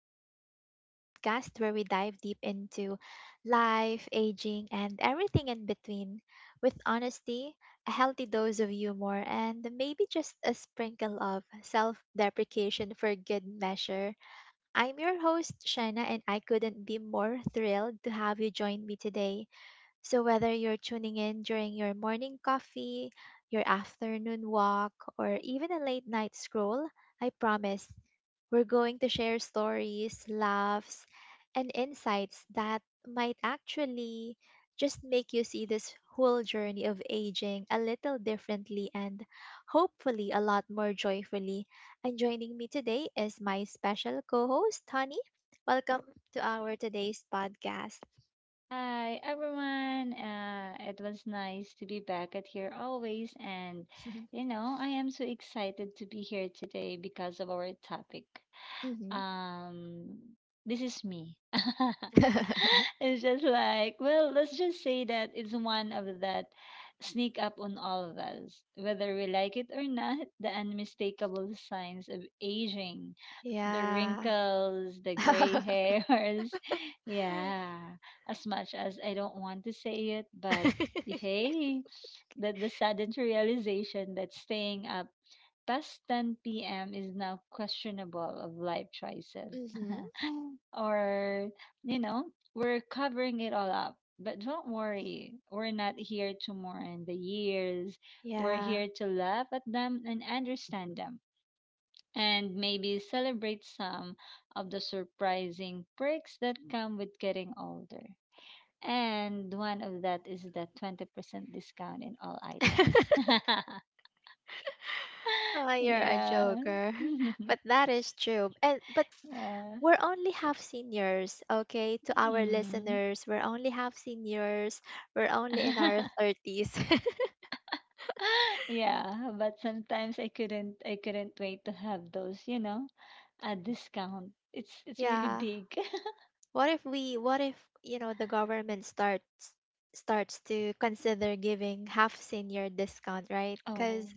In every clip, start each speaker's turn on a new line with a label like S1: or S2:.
S1: Gracefully, the podcast where we dive deep into life, aging, and everything in between with honesty, a healthy dose of humor, and maybe just a sprinkle of self deprecation for good measure. I'm your host, Shana, and I couldn't be more thrilled to have you join me today. So, whether you're tuning in during your morning coffee, your afternoon walk, or even a late night scroll, I promise we're going to share stories, laughs, and insights that might actually just make you see this whole journey of aging a little differently and hopefully a lot more joyfully. And joining me today is my special co host, Honey. Welcome to our today's podcast.
S2: Hi everyone. It was nice to be back at here always. You know, I am so excited to be here today because of our topic.
S1: Mhm.
S2: um this is me. It's just like, well, let's just say that it's one of that sneak up on all of us whether we like it or not, the unmistakable signs of aging, the
S1: Yeah.
S2: wrinkles, the gray hairs. Yeah, as much as I don't want to say it, but hey, that the sudden realization that staying up past 10 p.m. is now questionable of life choices.
S1: Mhm.
S2: or, you know, we're covering it all up. But don't worry, we're not here to mourn the years. We're
S1: Yeah.
S2: here to laugh at them and understand them, and maybe celebrate some of the surprising perks that come with getting older. And one of that is the 20% discount in all items.
S1: Oh, you're a
S2: Yeah.
S1: joker. But that is true. And but
S2: Yeah.
S1: we're only half seniors, okay? To our
S2: Mm.
S1: listeners, we're only half seniors. We're only in our 30s.
S2: Yeah, but sometimes I couldn't wait to have those, you know, at discount. It's really
S1: Yeah.
S2: big.
S1: What if, you know, the government starts to consider giving half senior discount, right?
S2: Oh.
S1: Cuz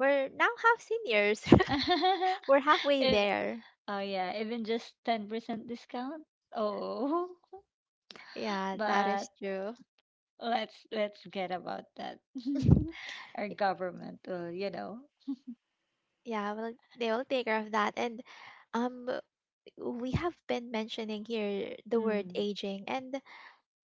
S1: we're now half seniors. We're halfway
S2: It,
S1: there.
S2: oh yeah, even just 10% discount. Oh.
S1: Yeah, that
S2: But
S1: is true.
S2: let's get about that. Our government will, you know.
S1: Yeah, well, they will take care of that. And um, we have been mentioning here the word
S2: Mm.
S1: aging, and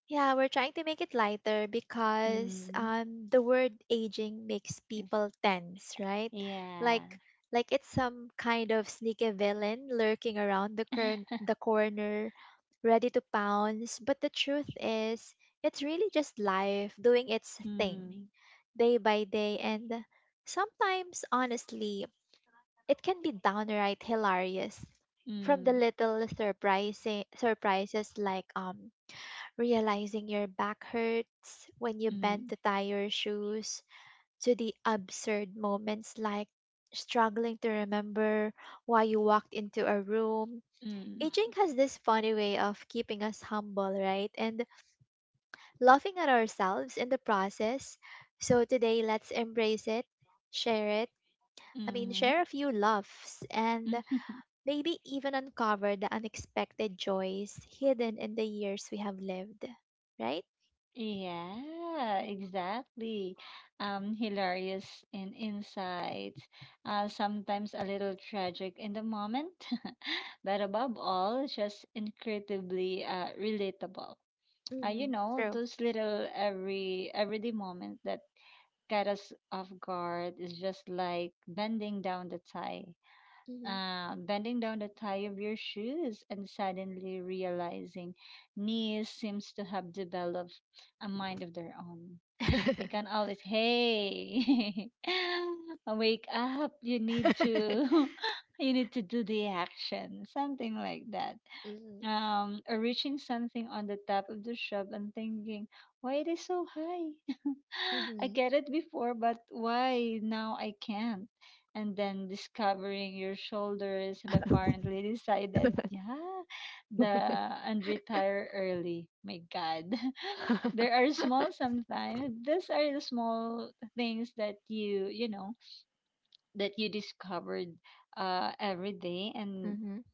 S1: yeah, we're trying to make it lighter because
S2: Mm.
S1: the word aging makes
S2: Yes.
S1: people tense, right?
S2: Yeah.
S1: Like, like it's some kind of sneaky villain lurking around the cur the corner, ready to pounce. But the truth is, it's really just life doing its thing,
S2: Mm,
S1: day by day, and sometimes, honestly, it can be downright hilarious. From the
S2: mm,
S1: little surprising surprises like realizing your back hurts when you bend
S2: mm,
S1: to tie your shoes to the absurd moments like struggling to remember why you walked into a room. Aging
S2: mm,
S1: has this funny way of keeping us humble, right? And laughing at ourselves in the process. So today, let's embrace it, share it.
S2: mm,
S1: Share a few laughs and
S2: mhm.
S1: maybe even uncover the unexpected joys hidden in the years we have lived, right?
S2: Yeah, exactly. Hilarious in insights, sometimes a little tragic in the moment, but above all, just incredibly relatable. You
S1: Mm-hmm.
S2: know,
S1: True.
S2: those little everyday moments that get us off guard is just like bending down the tie,
S1: Mm-hmm.
S2: bending down the tie of your shoes and suddenly realizing knees seems to have developed a mind of their own. You can always, hey, wake up. You need to, you need to do the action, something like that.
S1: Mm-hmm.
S2: Or reaching something on the top of the shop and thinking, why it is so high? I
S1: Mm-hmm.
S2: get it before, but why now I can't? And then discovering your shoulders have apparently decided, yeah, the and retire early. My God, there are small, sometimes these are the small things that you know that you discovered every day, and
S1: Mm-hmm.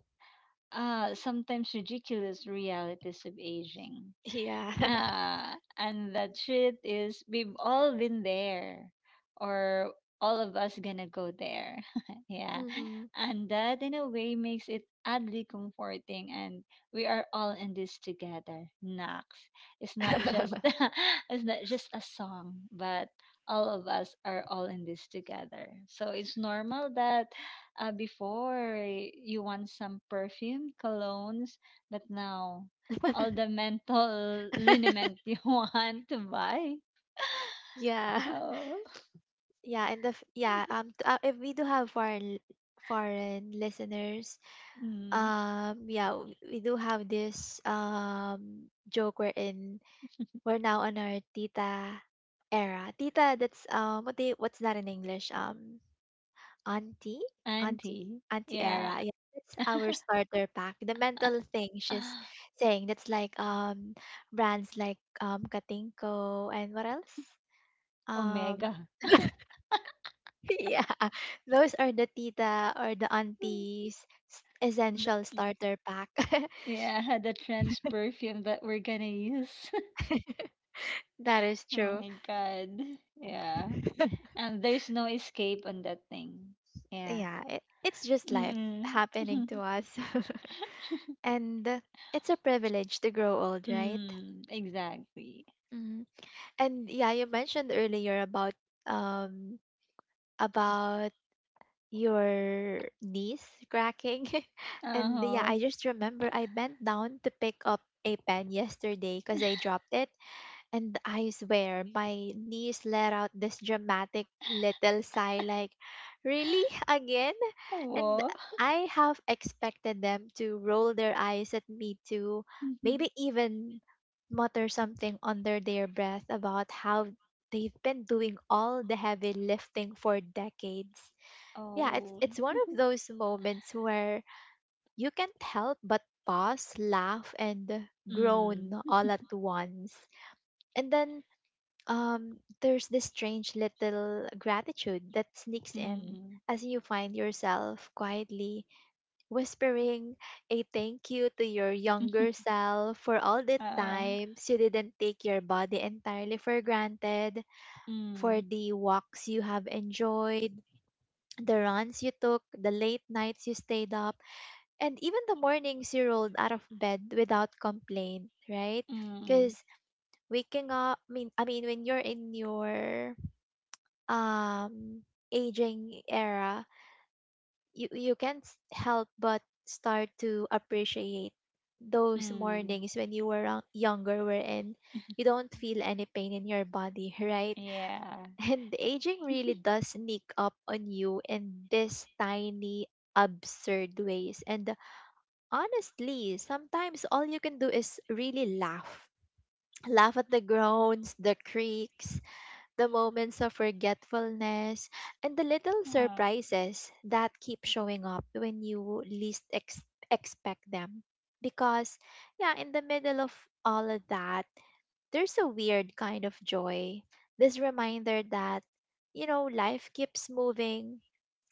S2: sometimes ridiculous realities of aging.
S1: Yeah.
S2: Ah, and that shit is, we've all been there, or all of us gonna go there. Yeah,
S1: Mm-hmm.
S2: and that in a way makes it oddly comforting, and we are all in this together. Nox, it's not just it's not just a song, but all of us are all in this together. So it's normal that before you want some perfume, colognes, but now all the mental liniment you want to buy.
S1: Yeah.
S2: Oh,
S1: Yeah, and the f- yeah, t- If we do have foreign listeners,
S2: mm,
S1: yeah, we do have this joke we're in. We're now on our tita era. Tita, that's what's that in English? Auntie, auntie,
S2: auntie.
S1: auntie
S2: Yeah.
S1: era. Yeah, that's our starter pack. The mental thing she's saying, that's like brands like Katinko and what else? um.
S2: Omega.
S1: Yeah, those are the tita or the auntie's essential
S2: The-
S1: starter pack.
S2: Yeah, the trans perfume that we're gonna use.
S1: That is
S2: Oh
S1: true.
S2: my god. Yeah. And there's no escape on that thing. Yeah.
S1: Yeah, it's just life
S2: Mm-mm.
S1: happening to us. And it's a privilege to grow old, right?
S2: Mm, exactly.
S1: Mm. And yeah, you mentioned earlier about um about your knees cracking. And yeah,
S2: Uh-huh.
S1: I just remember I bent down to pick up a pen yesterday because I dropped it. And I swear, my niece let out this dramatic little sigh, like, really? Again? And
S2: Wow.
S1: I have expected them to roll their eyes at me too, maybe even mutter something under their breath about how they've been doing all the heavy lifting for decades. Yeah, it's
S2: Oh.
S1: it's one of those moments where you can't help but pause, laugh, and
S2: Mm.
S1: groan all at once. And then there's this strange little gratitude that sneaks in
S2: Mm-mm.
S1: as you find yourself quietly whispering a thank you to your younger self for all the
S2: Uh.
S1: times you didn't take your body entirely for granted,
S2: Mm,
S1: for the walks you have enjoyed, the runs you took, the late nights you stayed up, and even the mornings you rolled out of bed without complaint, right?
S2: mm,
S1: Because waking up, when you're in your um aging era, you can't help but start to appreciate those
S2: mm.
S1: mornings when you were younger, wherein you don't feel any pain in your body, right?
S2: Yeah.
S1: And aging really does sneak up on you in this tiny absurd ways, and honestly sometimes all you can do is really laugh at the groans, the creaks, the moments of forgetfulness, and the little
S2: Oh,
S1: surprises that keep showing up when you least expect them. Because, yeah, in the middle of all of that, there's a weird kind of joy. This reminder that, you know, life keeps moving,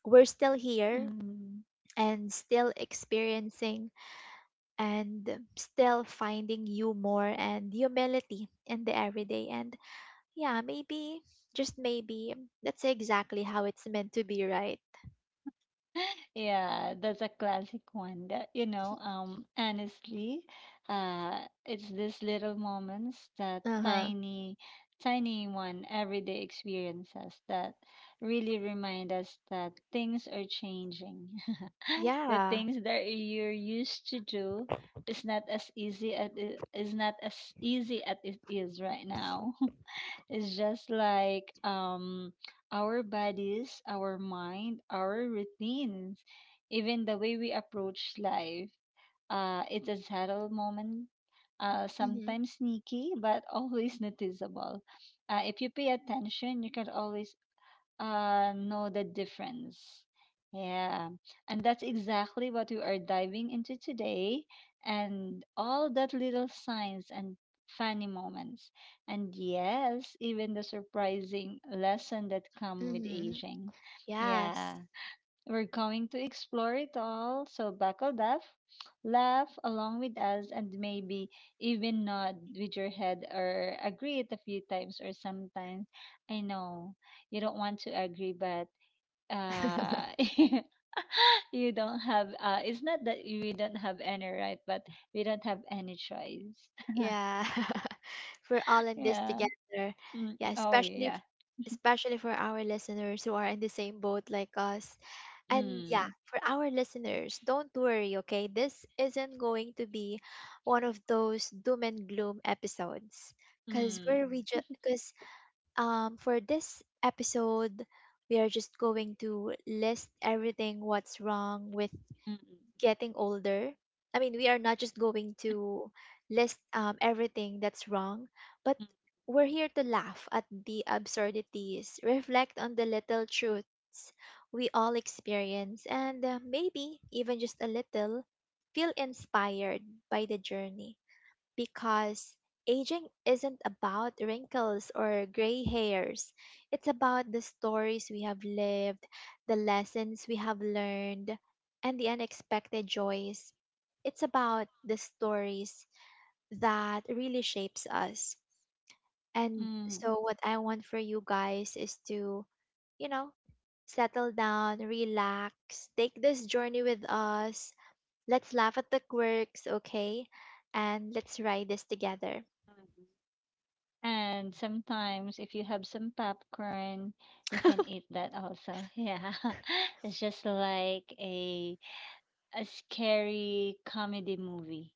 S1: we're still here
S2: mm.
S1: and still experiencing and still finding humor and humility in the everyday. And yeah, maybe, just maybe, that's exactly how it's meant to be, right?
S2: Yeah, that's a classic one that, you know, honestly, uh, it's these little moments, that
S1: Uh huh.
S2: tiny, tiny one everyday experiences that really remind us that things are changing. The
S1: Yeah.
S2: things that you're used to do is not as easy at it is not as easy as it is right now. It's just like our bodies, our mind, our routines, even the way we approach life. It's a subtle moment,
S1: Mm-hmm.
S2: sometimes sneaky, but always noticeable. If you pay attention, you can always know the difference. Yeah, and that's exactly what we are diving into today, and all that little signs and funny moments, and yes, even the surprising lesson that come with
S1: Mm-hmm.
S2: aging.
S1: Yes.
S2: Yeah, we're going to explore it all, so buckle up, laugh along with us, and maybe even nod with your head or agree it a few times or sometimes. I know you don't want to agree, but uh you don't have it's not that we don't have any right, but we don't have any choice.
S1: Yeah. We're all in this
S2: Yeah.
S1: together.
S2: Mm.
S1: Yeah,
S2: Oh yeah.
S1: especially for our listeners who are in the same boat like us. And yeah,
S2: Mm.
S1: for our listeners, don't worry, okay? This isn't going to be one of those doom and gloom episodes. Cause
S2: Mm.
S1: we're we just cause for this episode, we are just going to list everything what's wrong with
S2: Mm.
S1: getting older. I mean, we are not just going to list everything that's wrong, but
S2: Mm.
S1: we're here to laugh at the absurdities, reflect on the little truths we all experience, and maybe even just a little feel inspired by the journey, because aging isn't about wrinkles or gray hairs. It's about the stories we have lived, the lessons we have learned, and the unexpected joys. It's about the stories that really shapes us. And
S2: Mm.
S1: so what I want for you guys is to, you know, settle down, relax, take this journey with us. Let's laugh at the quirks, okay? And let's ride this together.
S2: Mm. Mm. And sometimes, if you have some popcorn, you can eat that also. Yeah, it's just like a scary comedy movie.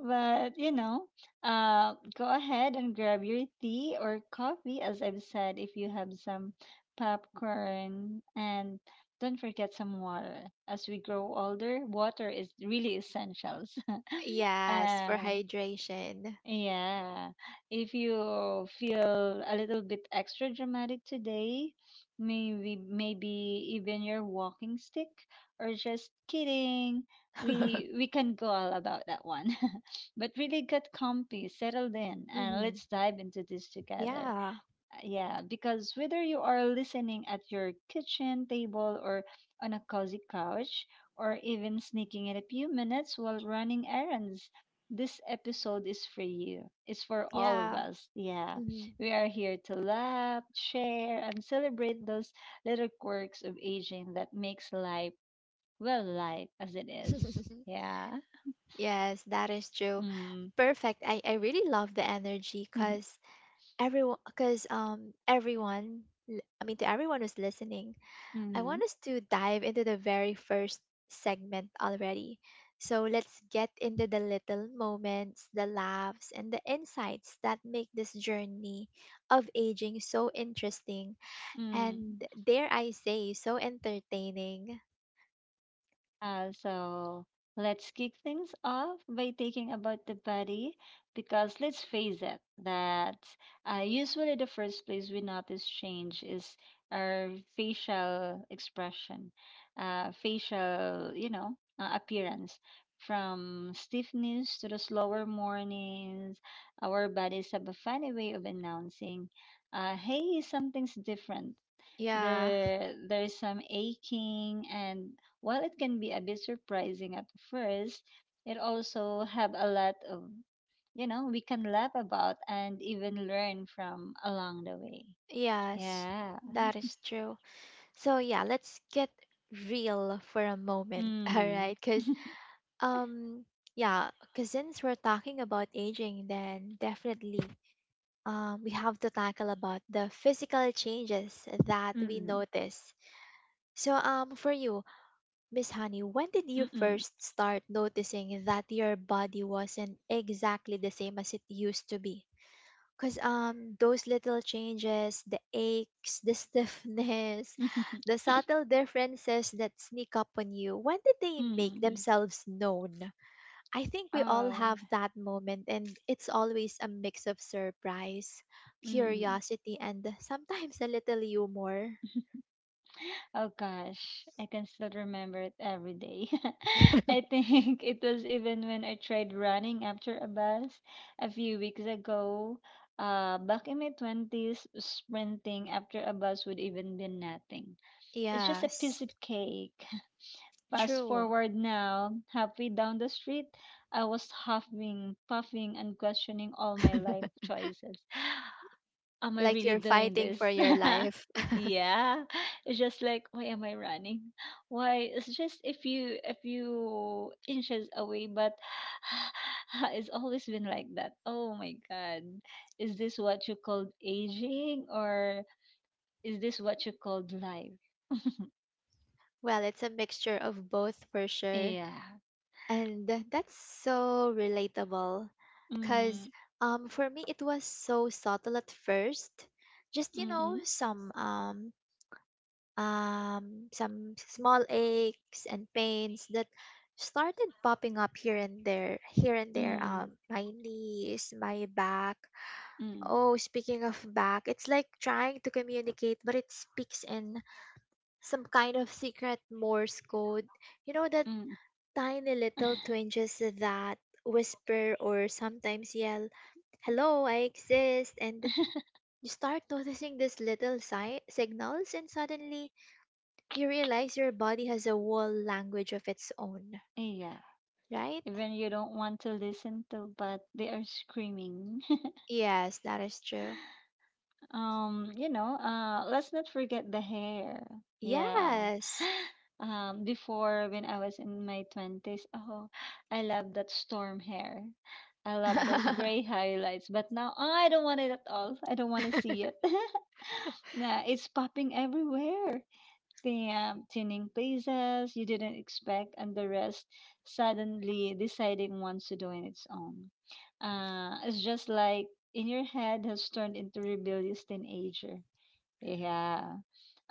S2: But you know, go ahead and grab your tea or coffee, as I've said, if you have some popcorn, and don't forget some water. As we grow older, water is really essentials.
S1: Yes, for
S2: um,
S1: hydration.
S2: Yeah. If you feel a little bit extra dramatic today, maybe even your walking stick, or just kidding. We we can go all about that one. But really get comfy, settled in, and
S1: Hmm.
S2: let's dive into this together.
S1: Yeah,
S2: Yeah, because whether you are listening at your kitchen table or on a cozy couch, or even sneaking in a few minutes while running errands, this episode is for you. It's for all of
S1: yeah.
S2: us. Yeah,
S1: Hmm.
S2: we are here to laugh, share, and celebrate those little quirks of aging that makes life, well, life as it is. Yeah.
S1: Yes, that is true.
S2: Mm.
S1: Perfect. I really love the energy because everyone, because I mean, to everyone who's listening,
S2: Mm-hmm.
S1: I
S2: Mm-hmm.
S1: want us to dive into the very first segment already. So let's get into the little moments, the laughs, and the insights that make this journey of aging so interesting
S2: Mm.
S1: and dare I say, so entertaining.
S2: So let's kick things off by taking about the body, because let's face it that usually the first place we notice change is our facial expression, facial, you know, appearance. From stiffness to the slower mornings, our bodies have a funny way of announcing, hey, something's different,
S1: Yeah,
S2: there's some aching, and while it can be a bit surprising at first, it also have a lot of, you know, we can laugh about and even learn from along the way.
S1: yes,
S2: Yeah.
S1: that is true. So yeah, let's get real for a moment, all
S2: Mm.
S1: right? Because um, yeah, because since we're talking about aging, then definitely we have to tackle about the physical changes that we
S2: Mm-mm.
S1: notice. So for you, Miss Honey, when did you
S2: Mm.
S1: first start noticing that your body wasn't exactly the same as it used to be? Because those little changes, the aches, the stiffness,
S2: Mm. Mm.
S1: the subtle differences that sneak up on you, when did they make
S2: Mm.
S1: themselves known? I think we all
S2: Oh.
S1: have that moment, and it's always a mix of surprise,
S2: Mm.
S1: curiosity, and sometimes a little humor.
S2: Oh gosh, I can still remember it every day. I think it was even when I tried running after a bus a few weeks ago. Back in my 20s, sprinting after a bus would even be nothing. It's just a piece
S1: Yes,
S2: of cake. Fast
S1: true.
S2: forward now, halfway down the street, I was huffing, puffing, and questioning all my life choices. Am I
S1: Like
S2: really
S1: you're
S2: doing
S1: fighting
S2: this?
S1: for your life.
S2: Yeah. It's just like, why am I running? Why it's just, if you inches away, but it's always been like that. Oh my god. Is this what you called aging or is this what you called life?
S1: Well, it's a mixture of both for sure.
S2: Yeah.
S1: And that's so relatable because
S2: Mm,
S1: for me, it was so subtle at first. Just, you know,
S2: mm,
S1: some small aches and pains that started popping up here and there.
S2: mm,
S1: My knees, my back.
S2: mm,
S1: Oh, speaking of back, it's like trying to communicate, but it speaks in some kind of secret Morse code. You know that
S2: mm.
S1: tiny little twinges that whisper or sometimes yell, hello, I exist. And you start noticing these little signals, and suddenly you realize your body has a whole language of its own,
S2: Yeah,
S1: right?
S2: even you don't want to listen to, but they are screaming.
S1: Yes, that is true.
S2: You know, let's not forget the hair. Yeah.
S1: Yes.
S2: Before when I was in my 20s, oh, I love that storm hair. I love those
S1: Uh
S2: gray highlights, but now, oh, I don't want it at all. I don't want to see it. Nah, it's popping everywhere. Damn, tuning places you didn't expect, and the rest suddenly deciding wants to do on its own. It's just like in your head has turned into rebellious teenager. Yeah.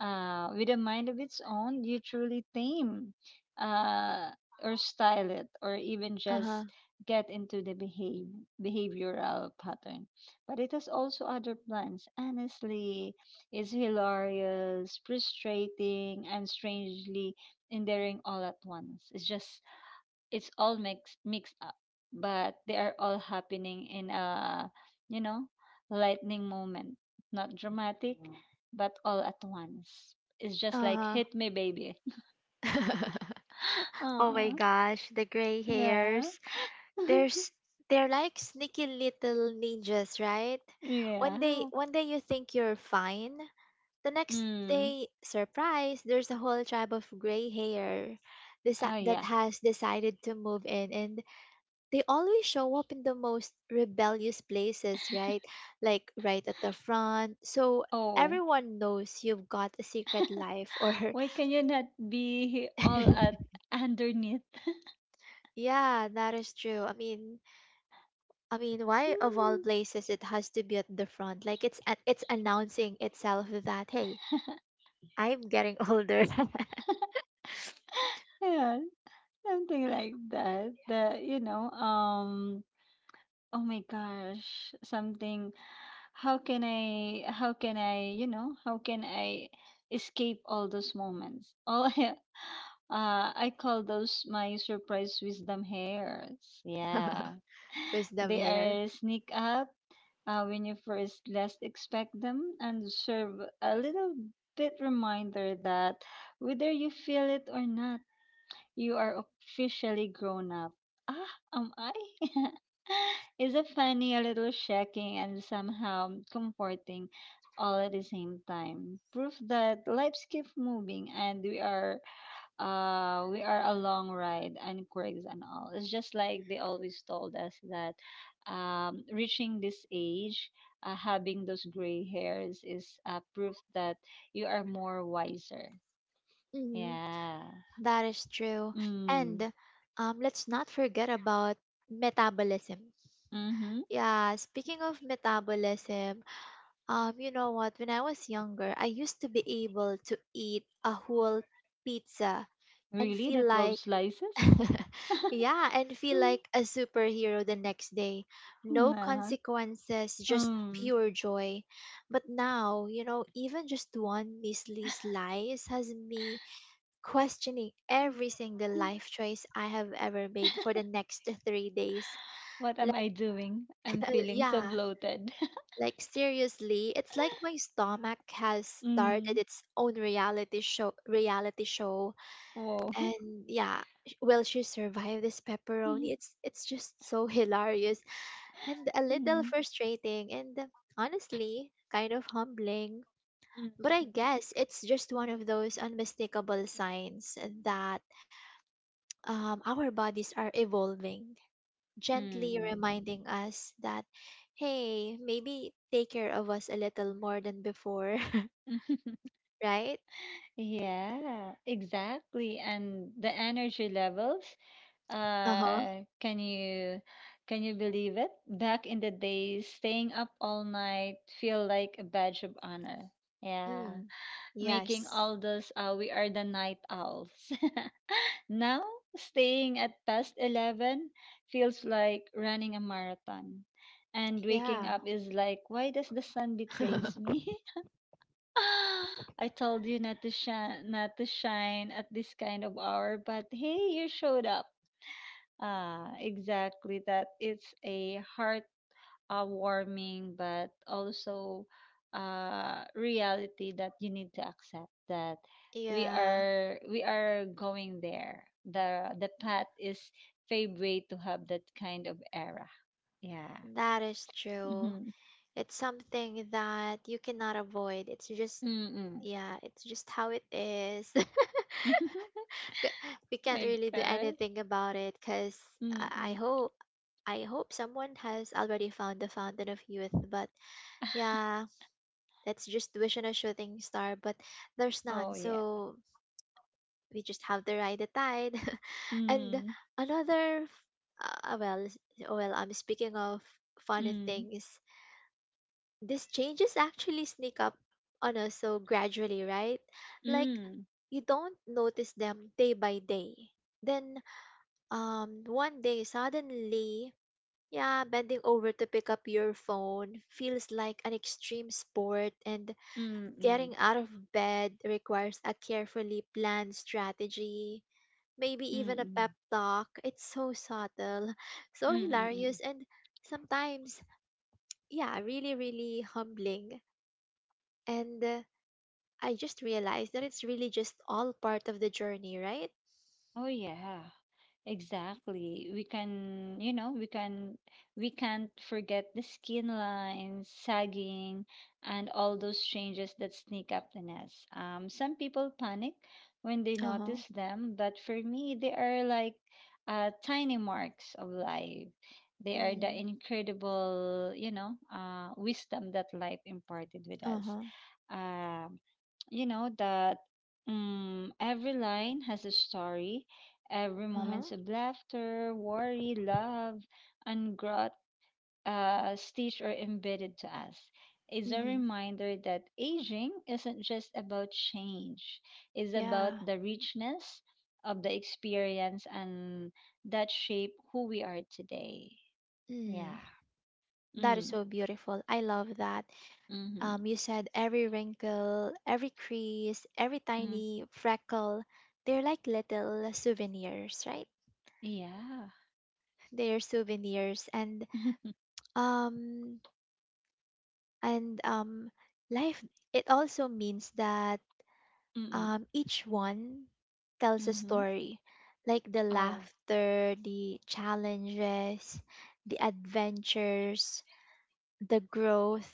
S2: With a mind of its own, you truly tame, uh, or style it, or even
S1: huh.
S2: just get into the behavioral pattern. But it has also other plans. Honestly, it's hilarious, frustrating, and strangely endearing all at once. It's just, it's all mixed up, but they are all happening in a, you know, lightning moment, not dramatic, Mm, but all at once. It's just
S1: Uh
S2: like
S1: huh.
S2: hit me, baby.
S1: Oh my
S2: Oh
S1: gosh, the gray
S2: yeah,
S1: hairs. There's They're like sneaky little ninjas, right?
S2: yeah.
S1: One day you think you're fine. The next
S2: Mm.
S1: day, surprise, there's a whole tribe of gray hair deci-
S2: Oh
S1: that
S2: yeah.
S1: has decided to move in, and they always show up in the most rebellious places, right? Like right at the front. So
S2: Oh,
S1: everyone knows you've got a secret life. Or
S2: why can you not be all at underneath?
S1: yeah, that is true. Why of all
S2: Hmm.
S1: places it has to be at the front? Like it's announcing itself that hey, I'm getting older.
S2: Yeah, something like that. The you know um Oh my gosh, something, how can I, you know, how can I escape all those moments? All I call those my surprise wisdom hairs. Yeah.
S1: Wisdom
S2: They
S1: here.
S2: are sneak up when you first least expect them and serve a little bit reminder that whether you feel it or not you are officially grown up. Ah, am I? Is it funny, a little shocking, and somehow comforting all at the same time? Proof that lives keep moving and we are a long ride and quirks and all. It's just like they always told us that reaching this age, having those gray hairs is proof that you are more wiser.
S1: Mhm.
S2: Yeah.
S1: That is true.
S2: Mm.
S1: And let's not forget about metabolism.
S2: Mm-hmm.
S1: Yeah, speaking of metabolism. You know what? When I was younger, I used to be able to eat a whole pizza and
S2: Really?
S1: feel
S2: The 12
S1: like,
S2: slices?
S1: yeah, and feel
S2: Mm.
S1: like a superhero the next day. No
S2: Nah.
S1: consequences, just
S2: Mm.
S1: pure joy. But now, you know, even just one measly slice has me questioning every single life choice I have ever made for the next 3 days.
S2: What am
S1: Like,
S2: I doing? I'm
S1: uh,
S2: feeling so
S1: yeah,
S2: bloated.
S1: Like seriously, it's like my stomach has started
S2: Mm.
S1: its own reality show.
S2: Whoa.
S1: And yeah, will she survive this pepperoni? It's just so hilarious and a little
S2: Mm.
S1: frustrating and honestly kind of humbling. But I
S2: Mhm.
S1: guess it's just one of those unmistakable signs that our bodies are evolving, gently
S2: Mm.
S1: reminding us that, hey, maybe take care of us a little more than before, right?
S2: Yeah, exactly. And the energy levels,
S1: Uh huh.
S2: uh, can you can you believe it? Back in the days, staying up all night feel like a badge of honor. Yeah.
S1: Mm.
S2: Making
S1: Yes.
S2: all those, we are the night owls. Now, staying at past 11 feels like running a marathon. And waking
S1: Yeah.
S2: up is like, why does the sun betrays me? I told you not to shine, not to shine at this kind of hour, but hey, you showed up. Ah, exactly that. It's a heart, warming, but also reality that you need to accept that
S1: Yeah,
S2: we are going there. The path is favorite to have that kind of era. Yeah.
S1: that is true.
S2: Mm-hmm.
S1: It's something that you cannot avoid. It's just,
S2: Mm-mm.
S1: yeah, it's just how it is. C- We can't
S2: My
S1: really do
S2: God.
S1: anything about it because I
S2: Mm-mm.
S1: hope I hope someone has already found the fountain of youth. But yeah, that's just wishing a shooting star, but there's
S2: Oh
S1: none.
S2: yeah.
S1: So we just have to ride the tide. And
S2: Mm.
S1: another, f- well, s- well, I'm speaking of funny
S2: Mm.
S1: things. These changes actually sneak up on us so gradually, right? Like
S2: Mm.
S1: you don't notice them day by day. Then one day suddenly, yeah, bending over to pick up your phone feels like an extreme sport. And
S2: Mm. Mm.
S1: getting out of bed requires a carefully planned strategy, maybe
S2: Mm.
S1: even a
S2: Mm.
S1: pep talk. It's so subtle, so
S2: Mm. Mm.
S1: hilarious, and sometimes, yeah, really humbling. And I just realized that it's really just all part of the journey, right?
S2: Oh yeah, exactly. We can, you know, we can, We can't forget the skin lines, sagging, and all those changes that sneak up the nest. Some people panic when they
S1: Uh huh.
S2: notice them, but for me, they are like tiny marks of life. They are the
S1: Mm.
S2: incredible, wisdom that life imparted with
S1: Uh
S2: us.
S1: huh.
S2: um, you know that every line has a story, every
S1: Uh huh.
S2: moment of laughter, worry, love, and growth, stitched or embedded to us, is a
S1: Mm-hmm.
S2: reminder that aging isn't just about change. It's about
S1: Yeah.
S2: the richness of the experience, and that shape who we are today.
S1: Mm.
S2: yeah
S1: That is
S2: mm,
S1: so beautiful. I love that.
S2: mm-hmm,
S1: You said every wrinkle, every crease, every
S2: mm,
S1: tiny freckle, they're like little souvenirs, right?
S2: yeah
S1: They're souvenirs and um and um life, it also means that
S2: mm-hmm,
S1: each one tells a
S2: mm-hmm.
S1: story. Like the
S2: Oh.
S1: laughter, the challenges, the adventures, the growth.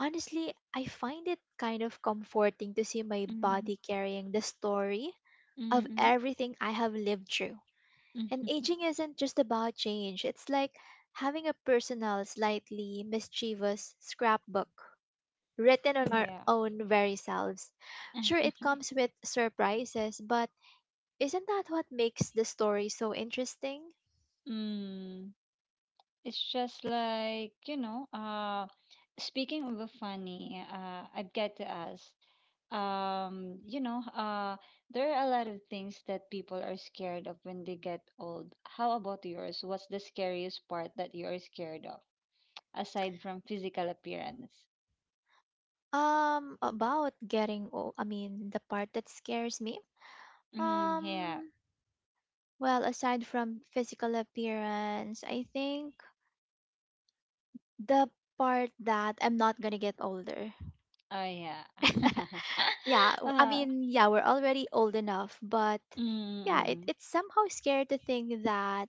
S1: Honestly, I find it kind of comforting to see my
S2: Mhm.
S1: body carrying the story
S2: Mm.
S1: of everything I have lived through. And aging isn't just about change, it's like having a personal, slightly mischievous scrapbook written on our
S2: Yeah.
S1: own very selves. Sure, it comes with surprises, but isn't that what makes the story so interesting?
S2: Mm. It's just like, speaking of the funny, I've got to ask. Um, you know, uh, there are a lot of things that people are scared of when they get old. How about yours? What's the scariest part that you are scared of, aside from physical appearance?
S1: About getting old, I mean, the part that scares me.
S2: Mm, yeah.
S1: Um, Well, aside from physical appearance, I think the part that I'm not gonna get older.
S2: Oh, yeah.
S1: Yeah, I
S2: uh,
S1: mean, yeah, we're already old enough, but yeah, it,
S2: mm,
S1: it's somehow scary to think that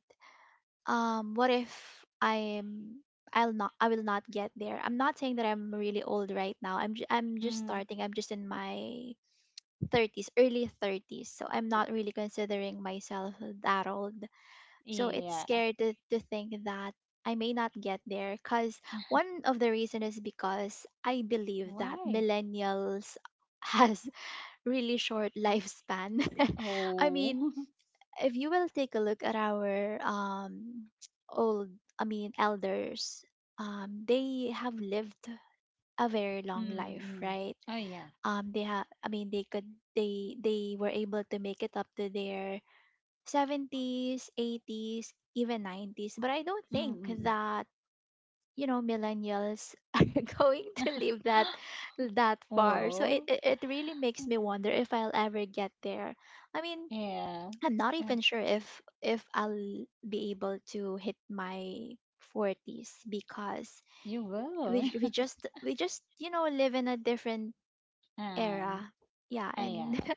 S1: what if I'm I will not get there. I'm not saying that I'm really old right now. I'm
S2: mm,
S1: just
S2: mm,
S1: starting. I'm just in my 30s, early 30s. So I'm not really considering myself that old. So it's
S2: yeah.
S1: scary to think that I may not get there because one of the reason is because I believe that
S2: Why?
S1: millennials has really short lifespan. I
S2: Oh.
S1: mean, if you will take a look at our old, I mean elders, they have lived a very long life,
S2: Mm-mm.
S1: right?
S2: Oh, yeah.
S1: Um, they have, I mean they could they were able to make it up to their 70s, 80s, even 90s. But I don't think
S2: Mm-mm.
S1: that, you know, millennials are going to live that far. So it,
S2: Well,
S1: it, it really makes me wonder if I'll ever get there. I mean,
S2: yeah.
S1: I'm not
S2: Uh,
S1: even sure if I'll be able to hit my 40s because
S2: you will.
S1: we just, you know, live in a different
S2: Um,
S1: era. Yeah,
S2: I
S1: and
S2: yeah,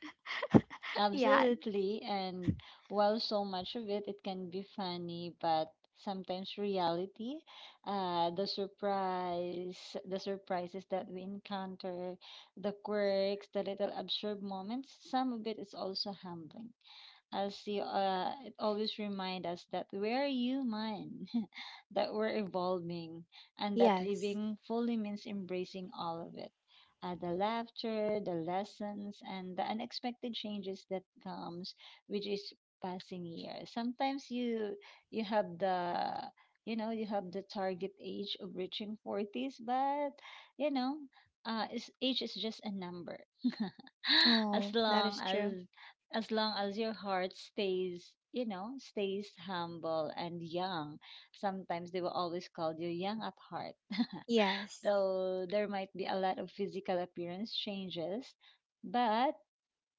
S1: yeah,
S2: absolutely. And while so much of it, it can be funny, but sometimes reality, the surprise, the surprises that we encounter, the quirks, the little absurd moments, some of it is also humbling. As you It always remind us that we're human, that we're evolving, and that
S1: yes.
S2: living fully means embracing all of it. The laughter, the lessons, and the unexpected changes that comes, which is passing years. Sometimes you have the you have the target age of reaching 40s, but you know age is just a number. as
S1: Oh, that
S2: long
S1: is true.
S2: as as long as your heart stays, stays humble and young, sometimes they will always call you young at heart.
S1: Yes,
S2: Though there might be a lot of physical appearance changes, but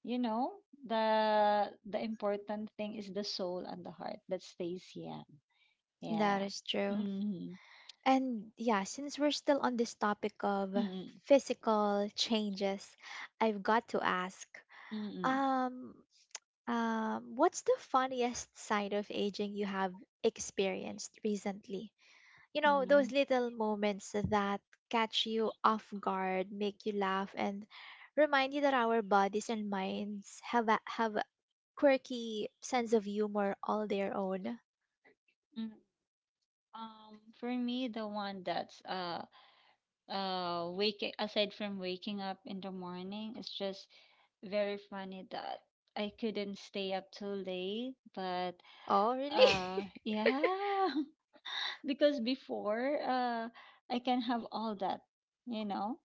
S2: you know the important thing is the soul and the heart that stays young.
S1: that
S2: yeah
S1: is true.
S2: mm-hmm.
S1: And yeah, since we're still on this topic of
S2: Mm-hmm.
S1: physical changes, I've got to ask,
S2: Mm-hmm.
S1: um, what's the funniest side of aging you have experienced recently? You know,
S2: Mm-hmm.
S1: those little moments that catch you off guard, make you laugh, and remind you that our bodies and minds have a quirky sense of humor all their own.
S2: Mm, for me, the one that's waking aside from waking up in the morning, it's just very funny that I couldn't stay up too late. But
S1: Oh, really?
S2: Yeah, because before, I can have all that, you know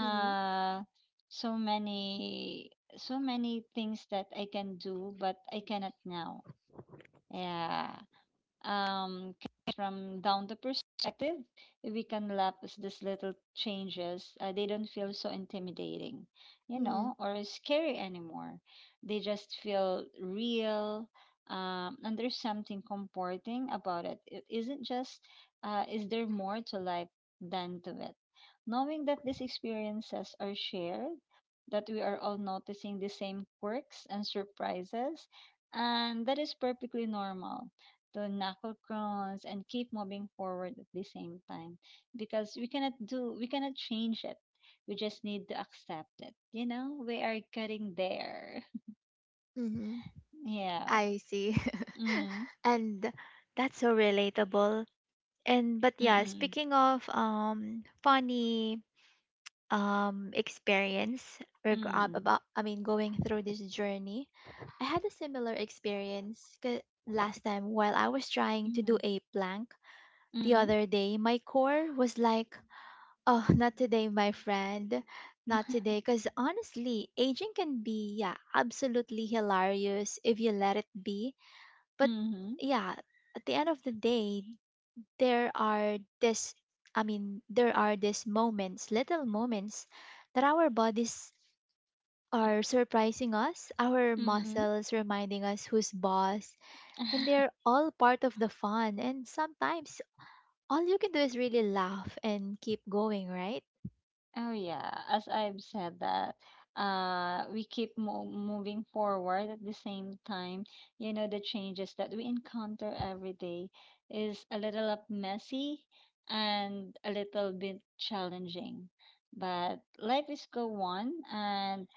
S2: so many things that I can do, but I cannot now. yeah um, from down the perspective, we can lapse these little changes. They don't feel so intimidating, you
S1: Mm-hmm.
S2: know, or scary anymore. They just feel real. And There's something comforting about it. It isn't just, is there more to life than to it? Knowing that these experiences are shared, that we are all noticing the same quirks and surprises, and that is perfectly normal to knuckle crowns and keep moving forward at the same time, because we cannot change it. We just need to accept it, you know, we are getting there.
S1: Mm-hmm.
S2: yeah
S1: I see.
S2: mm
S1: And that's so relatable. And but yeah,
S2: mm
S1: speaking of funny experience,
S2: mm
S1: about, I mean going through this journey, I had a similar experience last time while I was trying to
S2: mm
S1: do a plank the
S2: mm
S1: other day. My core was like, "Oh, not today, my friend. Not today." Cuz honestly, aging can be, yeah, absolutely hilarious if you let it be,
S2: mm
S1: but
S2: mm
S1: yeah, at the end of the day, there are this, I mean there are these moments, little moments, that our bodies are surprising us, our
S2: mm
S1: muscles reminding us who's boss, and they're all part of the fun. And sometimes all you can do is really laugh and keep going, right?
S2: Oh yeah, as I've said that, we keep moving forward at the same time. You know, the changes that we encounter every day is a little up messy and a little bit challenging. But life is go on, and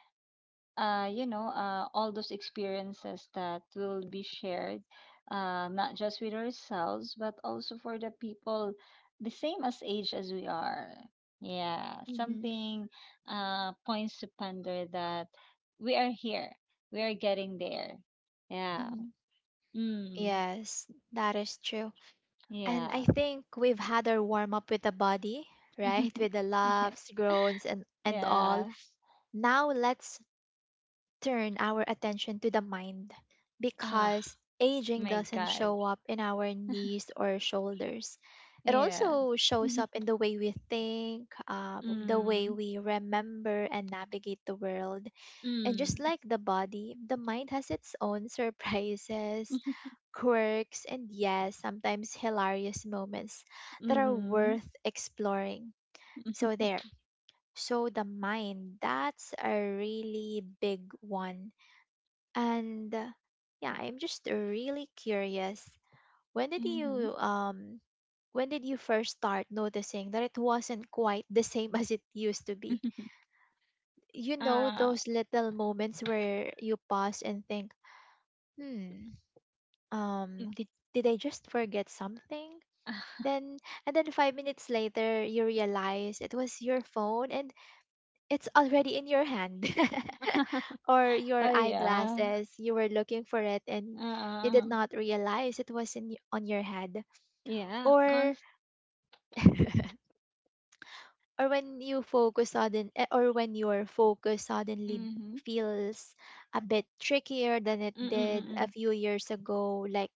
S2: all those experiences that will be shared, not just with ourselves, but also for the people the same as age as we are. Yeah,
S1: Mm-hmm.
S2: something points to ponder that we are here, we are getting there. Yeah.
S1: Mm-hmm.
S2: Mm,
S1: Yes, that is true. And
S2: yeah.
S1: I think we've had our warm up with the body, right? With the
S2: yeah.
S1: laughs, groans, and all.
S2: Yeah.
S1: Now let's turn our attention to the mind
S2: Ah,
S1: because aging
S2: my
S1: doesn't
S2: God.
S1: show up in our knees or shoulders. It
S2: Yeah.
S1: also shows
S2: mm,
S1: up in the way we think, the way we remember and navigate the world. And just
S2: mm,
S1: like the body, the mind has its own surprises, quirks, and yes, sometimes hilarious moments that are
S2: mm,
S1: worth exploring. So, the mind, that's a really big one. And yeah, I'm just really curious. When did
S2: mm-hmm.
S1: you first start noticing that it wasn't quite the same as it used to be? You know
S2: Uh,
S1: those little moments where you pause and think, "Hmm,
S2: mm.
S1: did I just forget something?" Then 5 minutes later you realize it was your phone and it's already in your hand. Or
S2: Oh,
S1: your
S2: yeah.
S1: eyeglasses, you were looking for it and you did
S2: Uh,
S1: not realize it was on your head.
S2: yeah.
S1: Or
S2: Const
S1: or when your focus suddenly
S2: mm-hmm.
S1: feels a bit trickier than it did a
S2: Mm-mm-mm.
S1: few years ago, like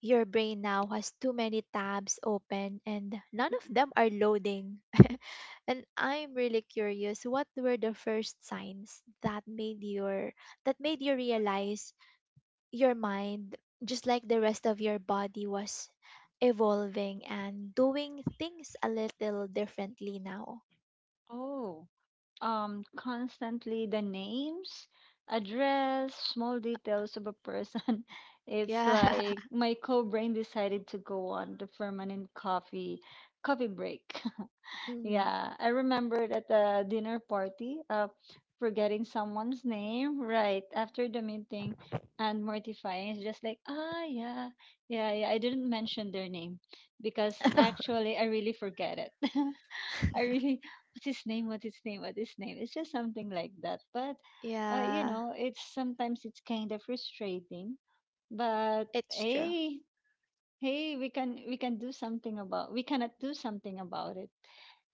S1: your brain now has too many tabs open and none of
S2: Mm.
S1: them are loading. And I'm really curious, what were the first signs that made your that made you realize your mind, just like the rest of your body, was evolving and doing things a little differently now.
S2: Oh, constantly the names, address, small details of a person. It's
S1: Yeah.
S2: like my co-brain decided to go on the permanent coffee break.
S1: Mhm.
S2: Yeah, I remembered at the dinner party, forgetting someone's name right after the meeting and mortifying. It's just like, ah, yeah, I didn't mention their name because actually I really forget it. I really, what's his name? What's his name? What's his name? It's just something like that. But, you
S1: Yeah,
S2: know, it's sometimes it's kind of frustrating. But
S1: it's true.
S2: hey, hey, we can do something about, we cannot do something about it.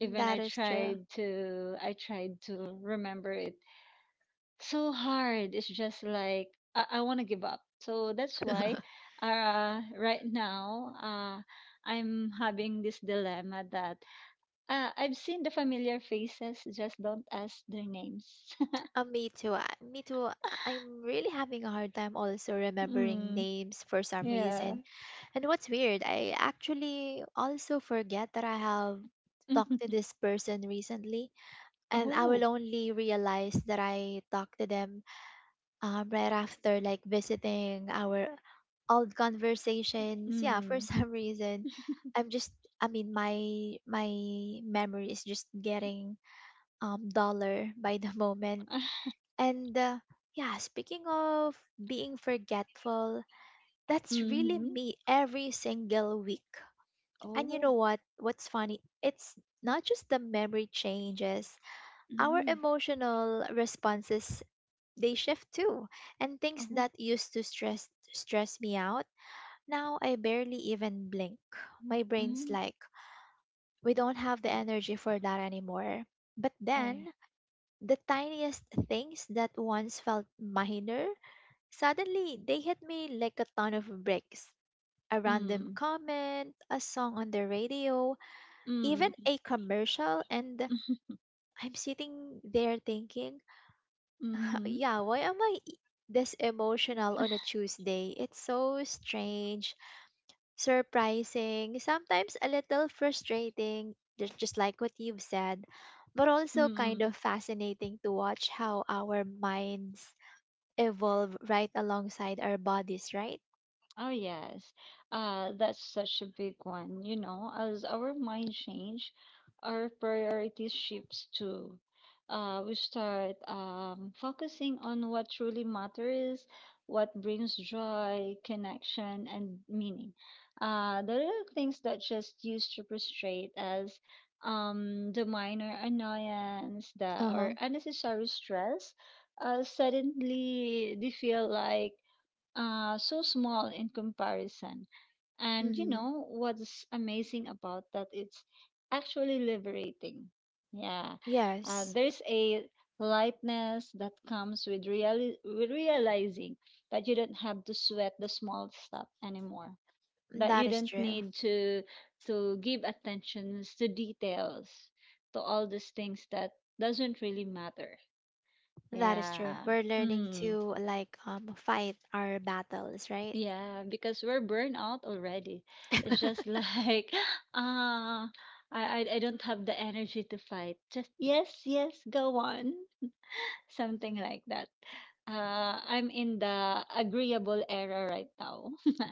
S2: Even
S1: is true.
S2: I tried to remember it. So hard. It's just like I wanna give up. So that's why right now I'm having this dilemma that, I've seen the familiar faces, just don't ask their names.
S1: Me too. Me too. I'm really having a hard time also remembering
S2: mm,
S1: names for some
S2: Yeah.
S1: reason. And what's weird, I actually also forget that I have talked to
S2: Mhm.
S1: this person recently, and I will
S2: Oh.
S1: only realize that I talked to them right after like visiting our old conversations. Yeah, for
S2: Mm.
S1: some reason, I'm just. I mean, my memory is just getting duller by the moment. And yeah, speaking of being forgetful, that's really
S2: Mm-hmm.
S1: me every single week. And you
S2: Oh.
S1: know what? What's funny? It's not just the memory changes, our
S2: Mm.
S1: emotional responses, they shift too. And things
S2: Oh.
S1: that used to stress me out, now I barely even blink. My brain's
S2: Mm.
S1: like, we don't have the energy for that anymore. But
S2: 哎
S1: then,
S2: 呀，
S1: the tiniest things that once felt minor, suddenly they hit me like a ton of bricks. A random
S2: 嗯
S1: comment, a song on the radio, even
S2: 嗯嗯
S1: a commercial, and I'm sitting there thinking, "Huh,
S2: 嗯
S1: yeah, why am I this emotional on a Tuesday?" It's so strange, surprising, sometimes a little frustrating, just like what you've said, but also kind
S2: 嗯
S1: of
S2: 嗯，
S1: fascinating to watch how our minds evolve right alongside our bodies, right?
S2: Oh yes, that's such a big one. You know, as our mind change, our priorities shifts too. We start Focusing on what truly matters, what brings joy, connection, and meaning. The little things that just used to frustrate us, the minor annoyance, the
S1: Uh huh.
S2: or unnecessary stress, suddenly they feel like so small in comparison. And you know what's amazing about that? It's actually liberating. Yeah,
S1: Yes,
S2: there's a lightness that comes with realizing that you don't have to sweat the small stuff anymore. That
S1: that
S2: you
S1: is
S2: don't
S1: true.
S2: need to give attentions to details, to all these things that doesn't really matter.
S1: That is true.
S2: Yeah.
S1: We're learning
S2: Mm.
S1: to like fight our battles, right?
S2: Yeah, because we're burned out already. It's just like, ah, I don't have the energy to fight. Just yes, yes, go on. Something like that. I'm in the agreeable era right now.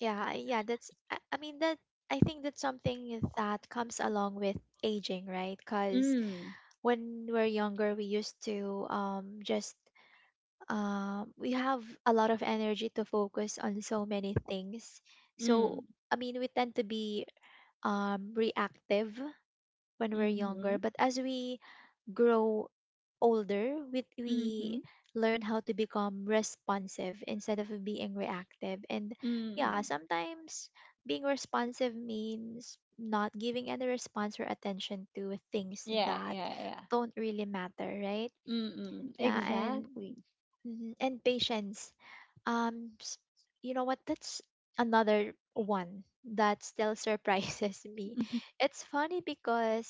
S1: Yeah, yeah, that's, I mean that I think that's something that comes along with aging, right? Because
S2: Mm,
S1: when we're younger, we used to just we have a lot of energy to focus on so many things.
S2: mm,
S1: So I mean, we tend to be reactive when we're
S2: mm-hmm,
S1: younger, but as we grow older,
S2: mm-hmm,
S1: we learn how to become responsive instead of being reactive. And yeah,
S2: mm-hmm.
S1: sometimes being responsive means not giving any response or attention to things
S2: Yeah,
S1: that
S2: yeah, yeah.
S1: don't really matter, right?
S2: Mm-mm,
S1: Yeah, and
S2: exactly.
S1: mhm, and patience. Um, s- you know what? That's another one that still surprises me. It's funny because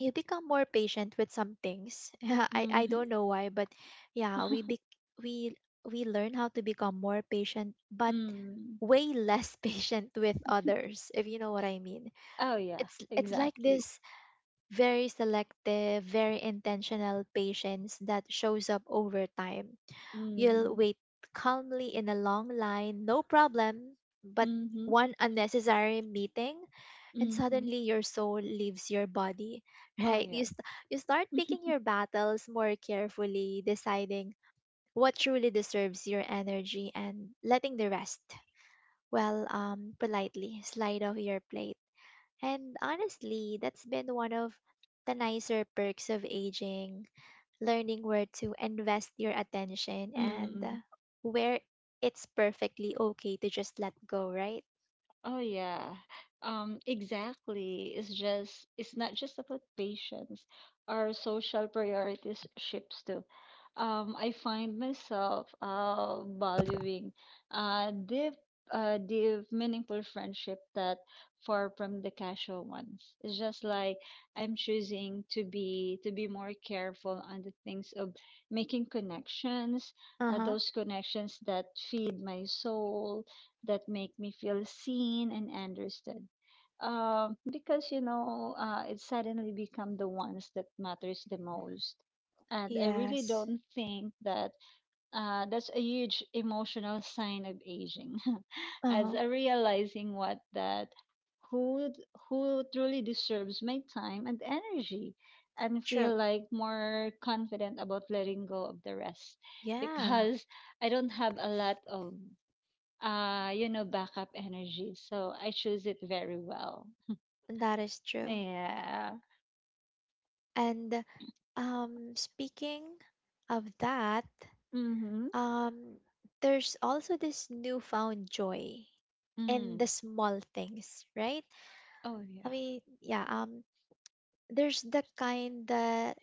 S1: you become more patient with some things. I
S2: Mm-hmm.
S1: don't know why, but yeah, we learn how to become more patient, but
S2: Mm.
S1: way less patient with others, if you know what I mean.
S2: Oh yeah,
S1: It's like
S2: exactly.
S1: this very selective, very intentional patience that shows up over time. You'll
S2: Mm.
S1: wait calmly in a long line, no problem, but
S2: Mm-hmm.
S1: one unnecessary meeting and
S2: Mm-hmm.
S1: suddenly your soul leaves your body,
S2: Oh
S1: right?
S2: yeah.
S1: You start picking your battles more carefully, deciding what truly deserves your energy and letting the rest, well um, politely slide off your plate. And honestly, that's been one of the nicer perks of aging, learning where to invest your attention and
S2: Mm-mm.
S1: where it's perfectly okay to just let go, right?
S2: Oh yeah. Exactly. It's just it's not just about patience. Our social priorities shifts too. I find myself valuing uh deep deep meaningful friendship that far from the casual ones. It's just like I'm choosing to be more careful on the things of making connections,
S1: Uh-huh.
S2: those connections that feed my soul, that make me feel seen and understood. Because you know, it suddenly become the ones that matters the most. And I really
S1: Yes.
S2: don't think that that's a huge emotional sign of aging, as
S1: Uh-huh.
S2: I realizing what that who who truly deserves my time and energy, and
S1: True.
S2: feel like more confident about letting go of the rest.
S1: Yeah,
S2: Because I don't have a lot of, you know, backup energy. So I choose it very well.
S1: that is true.
S2: Yeah.
S1: And um, speaking of that,
S2: Mm-hmm.
S1: um, there's also this newfound joy in the
S2: Mm.
S1: small things, right?
S2: Oh
S1: I
S2: yeah.
S1: mean, yeah, there's the kind that,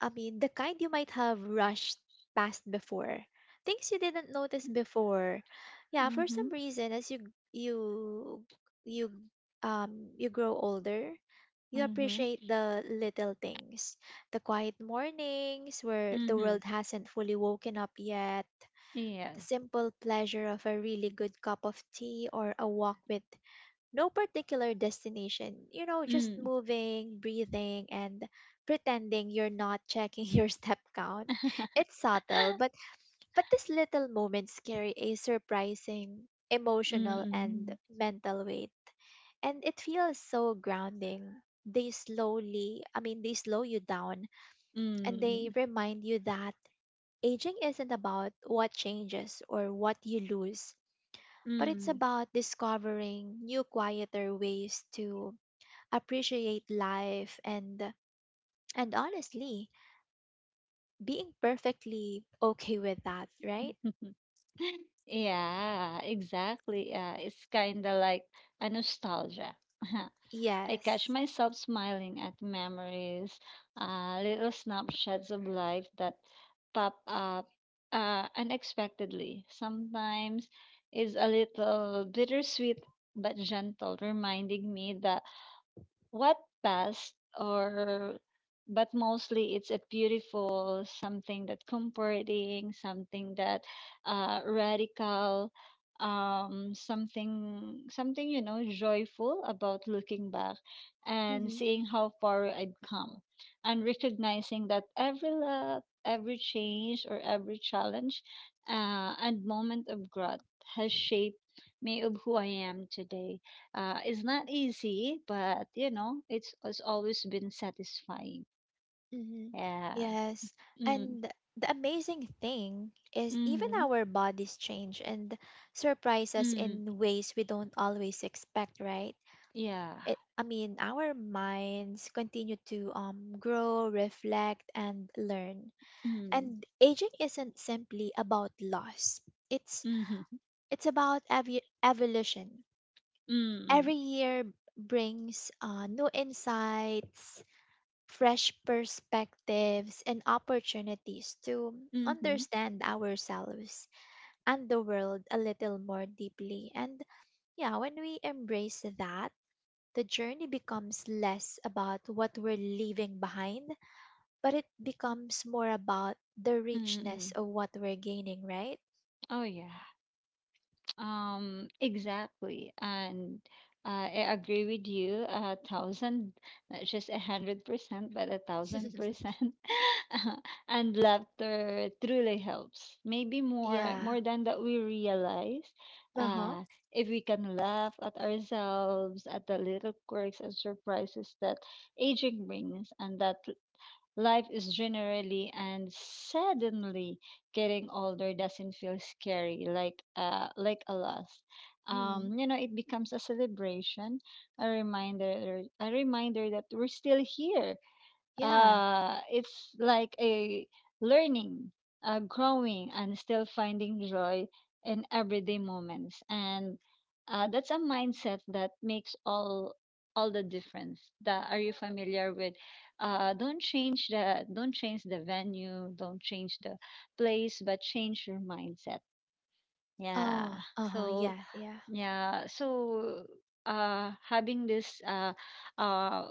S1: I mean, the kind you might have rushed past before, things you didn't notice before. Yeah, for
S2: Mm-hmm.
S1: some reason, as you you you you grow older, you
S2: Mm-hmm.
S1: appreciate the little things, the quiet mornings where the
S2: Mm-hmm.
S1: world hasn't fully woken up yet,
S2: Yeah.
S1: the simple pleasure of a really good cup of tea or a walk with no particular destination, you know, just
S2: Mm.
S1: moving, breathing, and pretending you're not checking your step count. It's subtle, but these little moments carry a surprising emotional and
S2: Mm-mm.
S1: mental weight and it feels so grounding. They slow you down and they
S2: Mm.
S1: remind you that aging isn't about what changes or what you lose, but it's
S2: Mm.
S1: about discovering new, quieter ways to appreciate life and honestly being perfectly okay with that, right?
S2: Yeah, exactly. Yeah, it's kind of like a nostalgia. I catch
S1: Yes.
S2: myself smiling at memories, little snapshots of life that pop up unexpectedly. Sometimes it's a little bittersweet but gentle, reminding me that what past or but mostly it's a beautiful something that comforting something that radical, something, you know, joyful about looking back and
S1: Hmm.
S2: seeing how far I've come, and recognizing that every love, every change, or every challenge, and moment of growth has shaped me of who I am today. It's not easy, but you know, it's always been satisfying.
S1: Hmm.
S2: Yeah.
S1: Yes.
S2: Mm,
S1: And the amazing thing is even
S2: mm-hmm,
S1: our bodies change and surprise us
S2: mm,
S1: in ways we don't always expect, right?
S2: yeah.
S1: I mean, our minds continue to grow, reflect and learn,
S2: Mm,
S1: and aging isn't simply about loss. it's
S2: mm-hmm,
S1: It's about evolution.
S2: mm-hmm,
S1: Every year brings new insights, fresh perspectives, and opportunities to
S2: mm-hmm,
S1: understand ourselves and the world a little more deeply. And yeah, when we embrace that, the journey becomes less about what we're leaving behind, but it becomes more about the richness
S2: mm-hmm.
S1: of what we're gaining, right?
S2: Oh, yeah. Exactly. And I agree with you a thousand, not just 100%, but a thousand percent. And laughter truly helps. Maybe
S1: Yeah.
S2: more than that we realize.
S1: Uh huh.
S2: Uh, if we can laugh at ourselves, at the little quirks and surprises that aging brings, and that life is generally and suddenly getting older doesn't feel scary like a loss.
S1: Mm.
S2: You know, it becomes a celebration, a reminder that we're still here.
S1: Yeah.
S2: It's like a learning, growing, and still finding joy in everyday moments. And that's a mindset that makes all the difference. That are you familiar with? Don't change the don't change the venue, don't change the place, but change your mindset. Yeah.
S1: Oh, uh-huh.
S2: So
S1: Yeah, yeah.
S2: yeah. so having this, uh,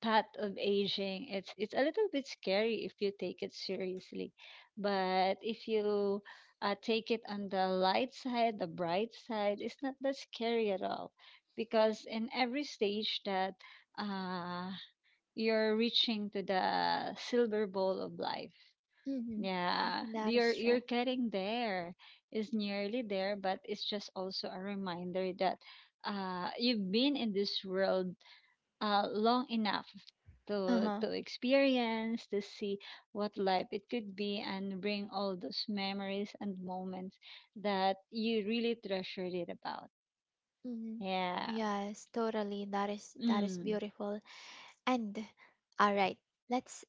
S2: path of aging, it's a little bit scary if you take it seriously, but if you take it on the light side, the bright side, it's not that scary at all, because in every stage that, uh, you're reaching to the silver bowl of life.
S1: Mm-hmm.
S2: Yeah,
S1: That is true.
S2: you're getting there, is nearly there, but it's just also a reminder that, you've been in this world long enough
S1: Uh-huh.
S2: to experience, to see what life it could be, and bring all those memories and moments that you really treasured it about.
S1: Mm-hmm.
S2: yeah
S1: Yes, totally. That is
S2: mm.
S1: beautiful. And all right, let's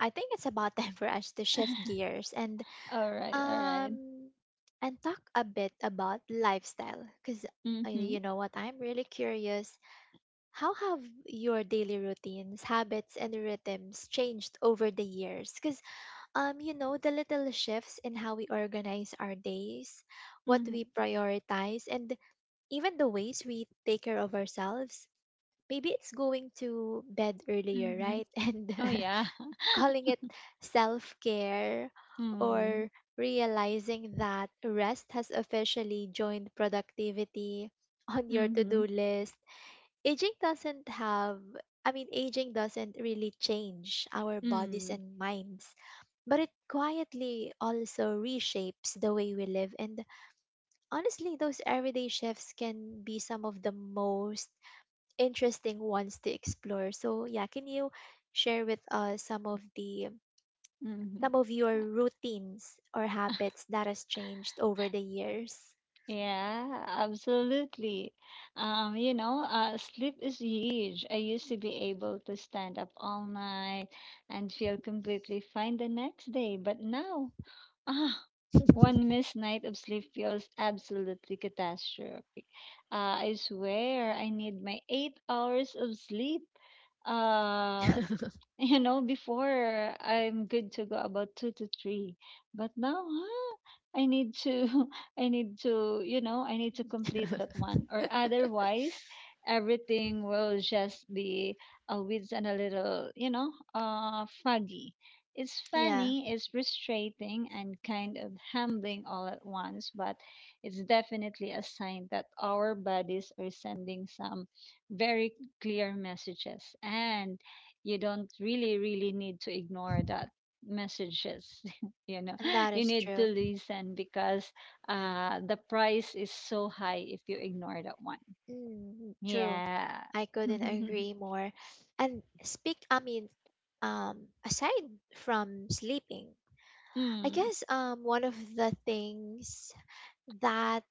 S1: I think it's about time for us to shift gears
S2: All right, all right.
S1: um and talk a bit about lifestyle because,
S2: mm-hmm
S1: you know what, I'm really curious. How have your daily routines, habits, and rhythms changed over the years? Cause um, you know, the little shifts in how we organize our days, what
S2: mm-hmm
S1: we prioritize, and even the ways we take care of ourselves. Maybe it's going to bed earlier,
S2: mm-hmm
S1: right? And
S2: oh yeah.
S1: calling it self care,
S2: mm-hmm
S1: or realizing that rest has officially joined productivity on your to do list. Aging doesn't have, I mean, Aging doesn't really change our bodies
S2: mm-hmm
S1: and minds, but it quietly also reshapes the way we live. And honestly, those everyday shifts can be some of the most interesting ones to explore. So, yeah, can you share with us some of the
S2: mm-hmm
S1: some of your routines or habits that has changed over the years?
S2: Yeah, absolutely. Sleep is huge. I used to be able to stand up all night and feel completely fine the next day, but now, ah, one missed night of sleep feels absolutely catastrophic. I swear I need my 8 hours of sleep. Uh, before I'm good to go about two to three, but now, I need to, I need to, I need to complete that one, or otherwise, everything will just be a with and a little, foggy. It's
S1: Yeah,
S2: funny, it's frustrating, and kind of humbling all at once, but it's definitely a sign that our bodies are sending some very clear messages. And you don't really need to ignore that messages you know
S1: and that
S2: you
S1: is
S2: need to
S1: true.
S2: listen because the price is so high if you ignore that one.
S1: Mm, true.
S2: Yeah.
S1: I couldn't agree more. And speak, I mean, Um, aside from sleeping, I
S2: Mm.
S1: guess one of the things that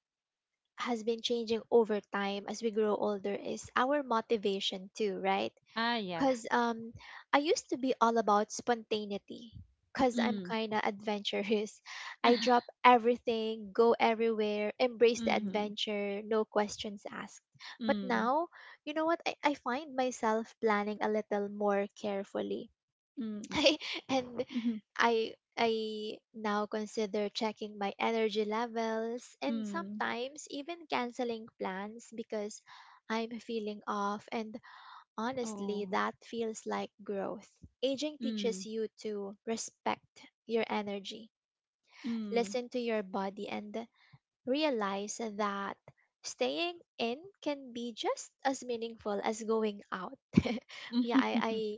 S1: has been changing over time as we grow older is our motivation too, right?
S2: Ah, yeah.
S1: Cuz um, I used to be all about spontaneity cuz I'm
S2: Mm.
S1: kind of adventurous. I drop everything, go everywhere, embrace the
S2: Mm-hmm.
S1: adventure, no questions asked. But
S2: Mm.
S1: now, you know what? I find myself planning a little more carefully.
S2: Mm.
S1: and
S2: Mm.
S1: I now consider checking my energy levels and
S2: Mm.
S1: sometimes even canceling plans because I'm feeling off, and
S2: Oh.
S1: honestly that feels like growth. Aging teaches
S2: Mm.
S1: you to respect your energy,
S2: Mm.
S1: listen to your body, and realize that staying in can be just as meaningful as going out. yeah, I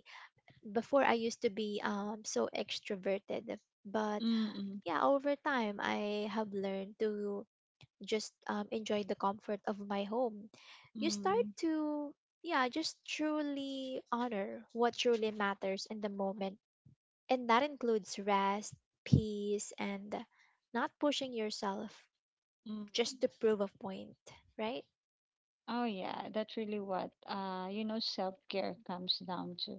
S1: before I used to be so extroverted, but
S2: Mm. Mm.
S1: yeah, over time, I have learned to just enjoy the comfort of my home. You start
S2: Mm.
S1: to, yeah, just truly honor what truly matters in the moment. And that includes rest, peace, and not pushing yourself
S2: Mm.
S1: just to prove a point, right?
S2: Oh yeah, that's really what self-care comes down to.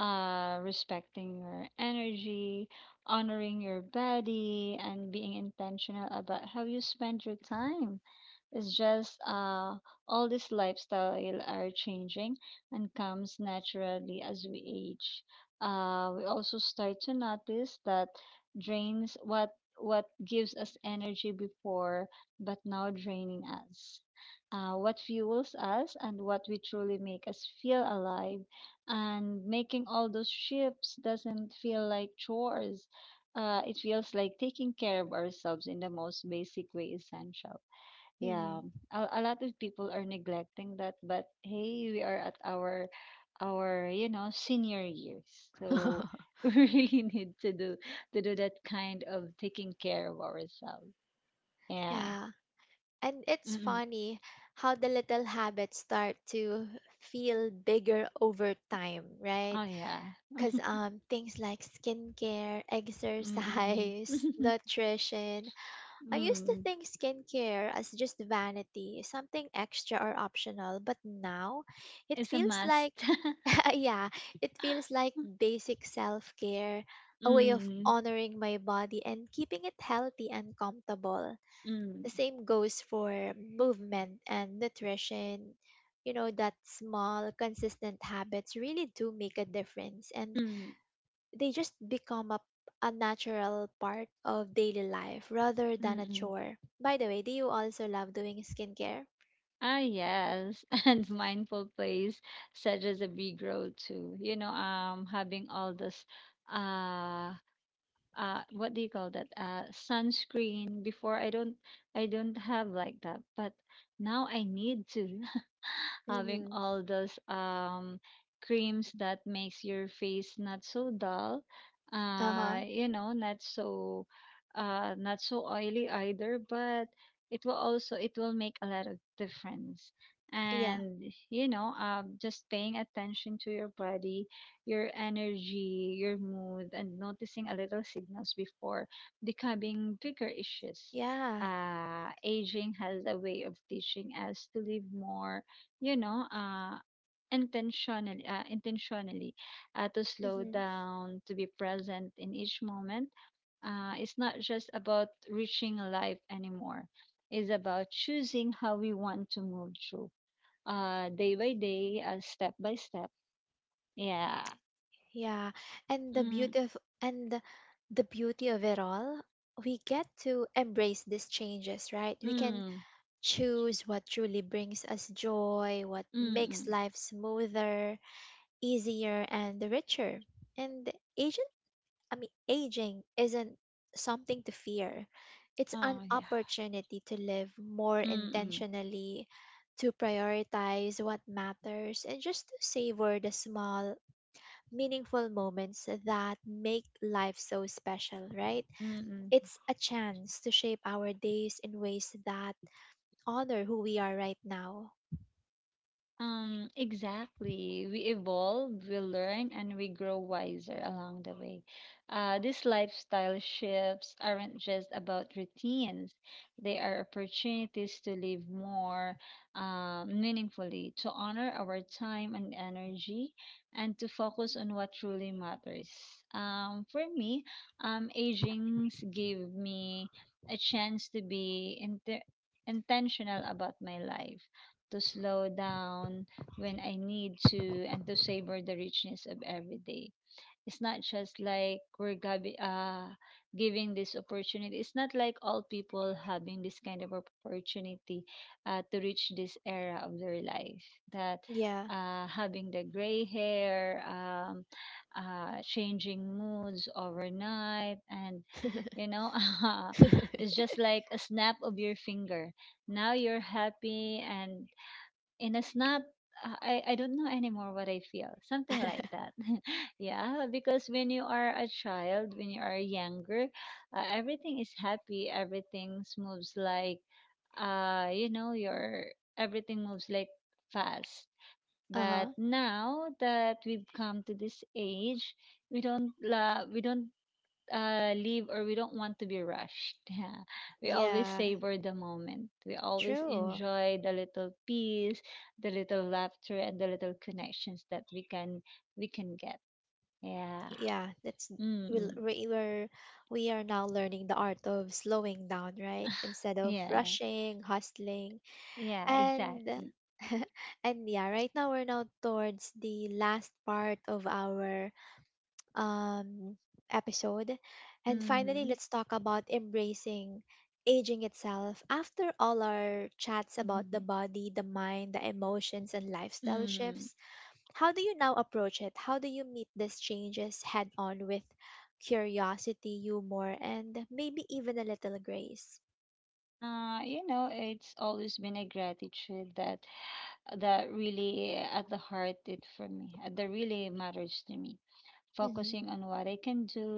S2: Respecting your energy, honoring your body, and being intentional about how you spend your time. It's just all this lifestyle are changing and comes naturally as we age. We also start to notice that drains what gives us energy before but now draining us, what fuels us and what we truly make us feel alive. And making all those shifts doesn't feel like chores. It feels like taking care of ourselves in the most basic way essential. Yeah,
S1: Hmm.
S2: a lot of people are neglecting that, but hey, we are at our senior years, so we really need to do that kind of taking care of ourselves. Yeah.
S1: Yeah. And it's
S2: Mm-mm.
S1: funny how the little habits start to feel bigger over time, right?
S2: Oh yeah.
S1: Because things like skincare,
S2: Mm-mm.
S1: exercise, nutrition, I used to
S2: Mm,
S1: think skincare as just vanity, something extra or optional, but now it
S2: it's a
S1: feels
S2: must.
S1: like, yeah, it feels like basic self care, a way of
S2: Mm,
S1: honoring my body and keeping it healthy and comfortable.
S2: mm,
S1: The same goes for movement and nutrition. You know, that small, consistent habits really do make a difference. And
S2: mm,
S1: they just become a natural part of daily life rather than a
S2: mm.
S1: chore. By the way, do you also love doing skincare?
S2: Ah, yes, and mindful plays such as a big role too. Having all this, uh, what do you call that, sunscreen? Before I don't have like that, but now I need to. Having
S1: Mm-hmm.
S2: all those creams that makes your face not so dull,
S1: Uh huh.
S2: not so not so oily either, but it will also it will make a lot of difference.
S1: Yeah.
S2: And just paying attention to your body, your energy, your mood, and noticing a little signals before becoming bigger issues.
S1: Yeah.
S2: Aging has a way of teaching us to live more, you know, uh, intentionally, to slow
S1: Mm-hmm.
S2: down, to be present in each moment. It's not just about reaching life anymore. It's about choosing how we want to move through, day by day, step by step. Yeah.
S1: Yeah. And the
S2: Mm.
S1: beauty of and The beauty of it all, we get to embrace these changes, right? We can
S2: 嗯
S1: choose what truly brings us joy, what
S2: 嗯
S1: makes
S2: 嗯，
S1: life smoother, easier, and richer. And age aging isn't something to fear. It's an
S2: 啊，呀，
S1: opportunity to live more
S2: 嗯嗯
S1: intentionally, to prioritize what matters, and just savor the small, meaningful moments that make life so special, right?
S2: 嗯嗯。
S1: It's a chance to shape our days in ways that honor who we are right now.
S2: Exactly. We evolve, we learn, and we grow wiser along the way. These lifestyle shifts aren't just about routines, they are opportunities to live more, meaningfully, to honor our time and energy, and to focus on what truly matters. For me, agings give me a chance to intentional about my life, to slow down when I need to, and to savor the richness of every day. It's not just like we're giving this opportunity. It's not like all people having this kind of opportunity, to reach this era of their life. That,
S1: Yeah.
S2: having the gray hair, changing moods overnight, and you know,
S1: uh
S2: it's just like a snap of your finger. Now you're happy and in a snap, I don't know anymore what I feel. Something like that. Yeah, because when you are a child, when you are younger, everything is happy. Everything moves like, your everything moves like fast. But
S1: huh.
S2: now that we've come to this age, we don't la we don't leave or we don't want to be rushed. We always
S1: Yeah.
S2: savor the moment. We always
S1: True.
S2: enjoy the little peace, the little laughter, and the little connections that we can get. Yeah.
S1: Yeah, that's we
S2: Mm-mm.
S1: we were we are now learning the art of slowing down, right? Instead of
S2: Yeah.
S1: rushing, hustling.
S2: Yeah.
S1: And
S2: Exactly.
S1: and yeah, right now we're now towards the last part of our um episode, and finally
S2: Mm-hmm.
S1: let's talk about embracing aging itself. After all our chats about the
S2: Mm-hmm.
S1: body, the mind, the emotions and lifestyle
S2: Mm-hmm.
S1: shifts, how do you now approach it? How do you meet these changes head on with curiosity, humor, and maybe even a little grace?
S2: It's always been a gratitude that really at the heart it for me, that really matters to me,
S1: Mm-hmm.
S2: focusing on what I can do,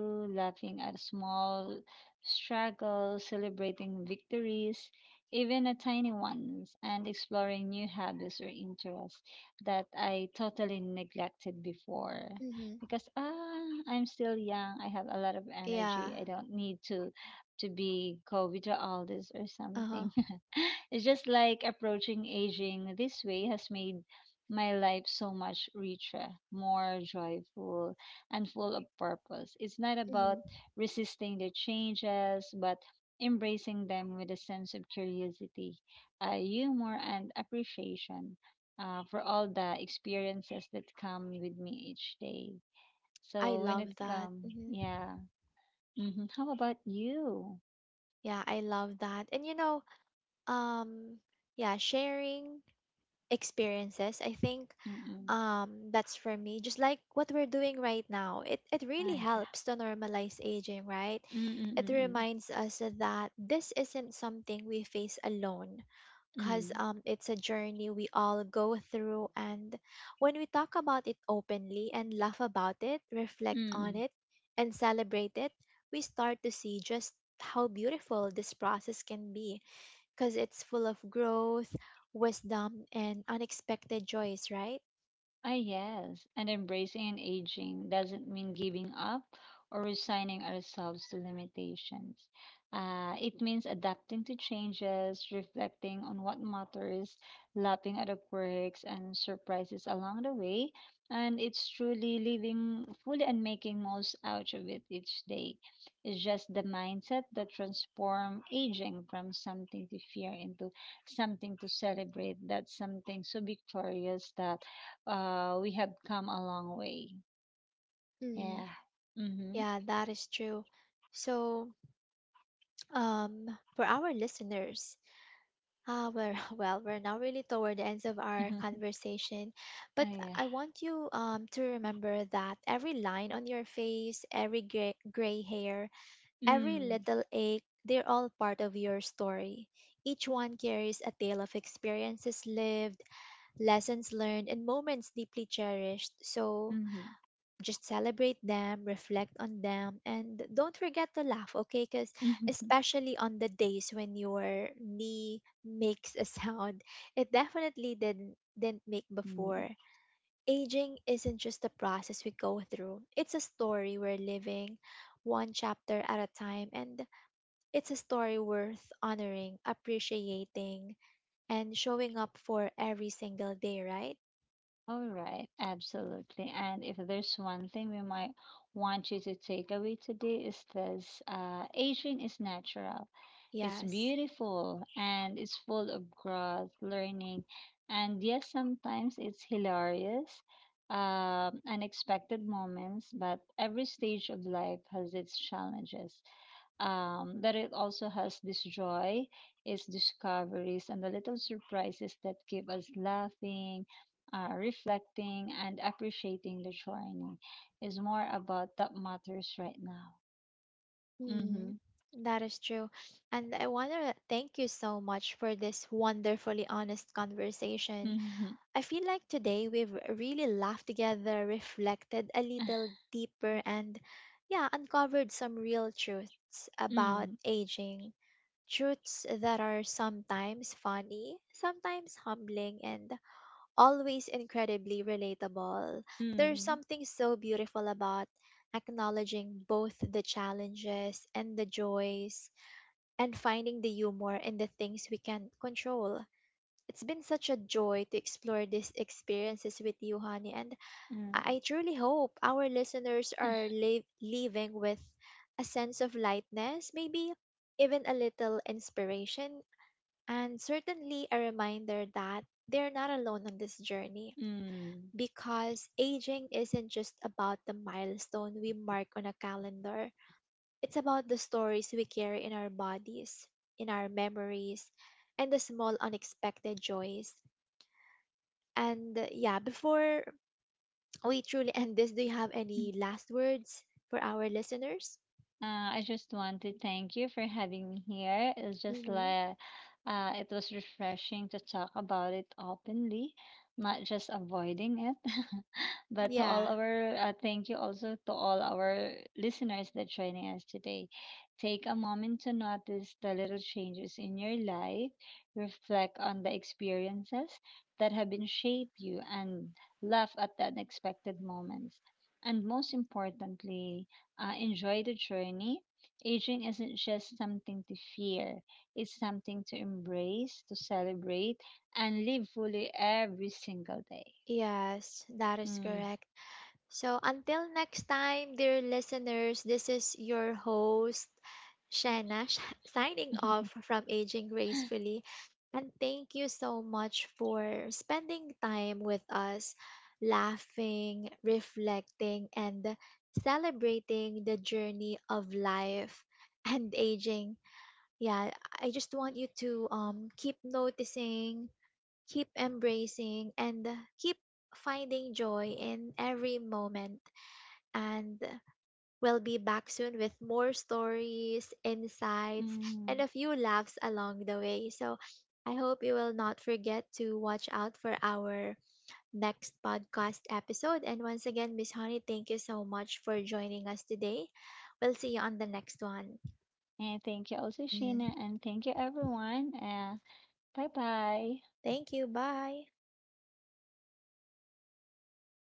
S2: laughing at small struggles, celebrating victories, even a tiny ones, and exploring new habits or interests that I totally neglected before.
S1: Mm-hmm.
S2: Because I'm still young, I have a lot of energy,
S1: Yeah.
S2: I don't need to be go with all this or
S1: Uh-huh.
S2: something. It's just like approaching aging this way has made my life so much richer, more joyful, and full of purpose. It's not about
S1: Mm-hmm.
S2: resisting the changes, but embracing them with a sense of curiosity, humor, and appreciation, for all the experiences that come with me each day.
S1: I
S2: So when it
S1: love that.
S2: comes,
S1: Mm-hmm.
S2: yeah. Hmm. How about you?
S1: Yeah, I love that. And you know, um, yeah, sharing experiences I think
S2: Mm-mm.
S1: um, that's for me just like what we're doing right now. It really
S2: I,
S1: helps to normalize aging, right? It
S2: mm-mm-mm-mm.
S1: reminds us that this isn't something we face alone, because
S2: Mm.
S1: it's a journey we all go through, and when we talk about it openly and laugh about it, reflect on
S2: Mm.
S1: it and celebrate it, we start to see just how beautiful this process can be, because it's full of growth, wisdom, and unexpected joys, right?
S2: Ah, yes. And embracing and aging doesn't mean giving up or resigning ourselves to limitations. It means adapting to changes, reflecting on what matters, laughing at the quirks and surprises along the way. And it's truly living fully and making most out of it each day. It's just the mindset that transform aging from something to fear into something to celebrate. That's something so victorious that, we have come a long way.
S1: Mm,
S2: Yeah. Mm-hmm.
S1: yeah, that is true. So, um, for our listeners, ah, we're, well, we're now really toward the ends of our
S2: Mm-hmm.
S1: conversation, but
S2: Yeah.
S1: I want you to remember that every line on your face, every gray hair, every
S2: Mm.
S1: little ache, they're all part of your story. Each one carries a tale of experiences lived, lessons learned, and moments deeply cherished. So
S2: Mm-hmm.
S1: just celebrate them, reflect on them, and don't forget to laugh, okay? Because
S2: Mm-hmm.
S1: especially on the days when your knee makes a sound, it definitely didn't make
S2: Mm.
S1: before. Aging isn't just a process we go through, it's a story we're living. One chapter at a time, and it's a story worth honoring, appreciating, and showing up for every single day, right?
S2: All right. Absolutely. And if there's one thing we might want you to take away today is this: aging is natural. It's
S1: Yes.
S2: beautiful and it's full of growth, learning, and yes, sometimes it's hilarious, unexpected moments, but every stage of life has its challenges. But it also has this joy, its discoveries, and the little surprises that keep us laughing, reflecting, and appreciating the journey. Is more about that matters right now.
S1: Mm,
S2: Mm-hmm.
S1: that is true. And I want to thank you so much for this wonderfully honest conversation.
S2: Mm-hmm.
S1: I feel like today we've really laughed together, reflected a little deeper, and yeah, uncovered some real truths about
S2: Mm,
S1: aging. Truths that are sometimes funny, sometimes humbling, and always incredibly relatable. There's
S2: mm.
S1: something so beautiful about acknowledging both the challenges and the joys and finding the humor in the things we can control. It's been such a joy to explore these experiences with you, honey, and
S2: 嗯
S1: I truly hope our listeners are leaving with a sense of lightness, maybe even a little inspiration, and certainly a reminder that they're not alone on this journey,
S2: 嗯，嗯。
S1: because aging isn't just about the milestone we mark on a calendar. It's about the stories we carry in our bodies, in our memories, and the small unexpected joys. And yeah, before we truly end this, do you have any last words for our listeners?
S2: I just want to thank you for having me here. It's just
S1: Mm-hmm.
S2: like, it was refreshing to talk about it openly, not just avoiding it. But to all
S1: Yeah.
S2: our, thank you also to all our listeners that joining us today. Take a moment to notice the little changes in your life, reflect on the experiences that have been shaped you, and laugh at the unexpected moments. And most importantly, enjoy the journey. Aging isn't just something to fear, it's something to embrace, to celebrate, and live fully every single day.
S1: Yes, that is
S2: Mm.
S1: correct. So until next time, dear listeners, this is your host, Shanna signing off from Aging Gracefully. And thank you so much for spending time with us, laughing, reflecting, and celebrating the journey of life and aging. Yeah, I just want you to keep noticing, keep embracing, and keep finding joy in every moment. And we'll be back soon with more stories, insights, and
S2: Mm.
S1: a few laughs along the way. So I hope you will not forget to watch out for our next podcast episode. And once again, Miss Honey, thank you so much for joining us today. We'll see you on the next one.
S2: And thank you also,
S1: Mm.
S2: Sheena, and thank you, everyone. Bye bye.
S1: Thank you. Bye.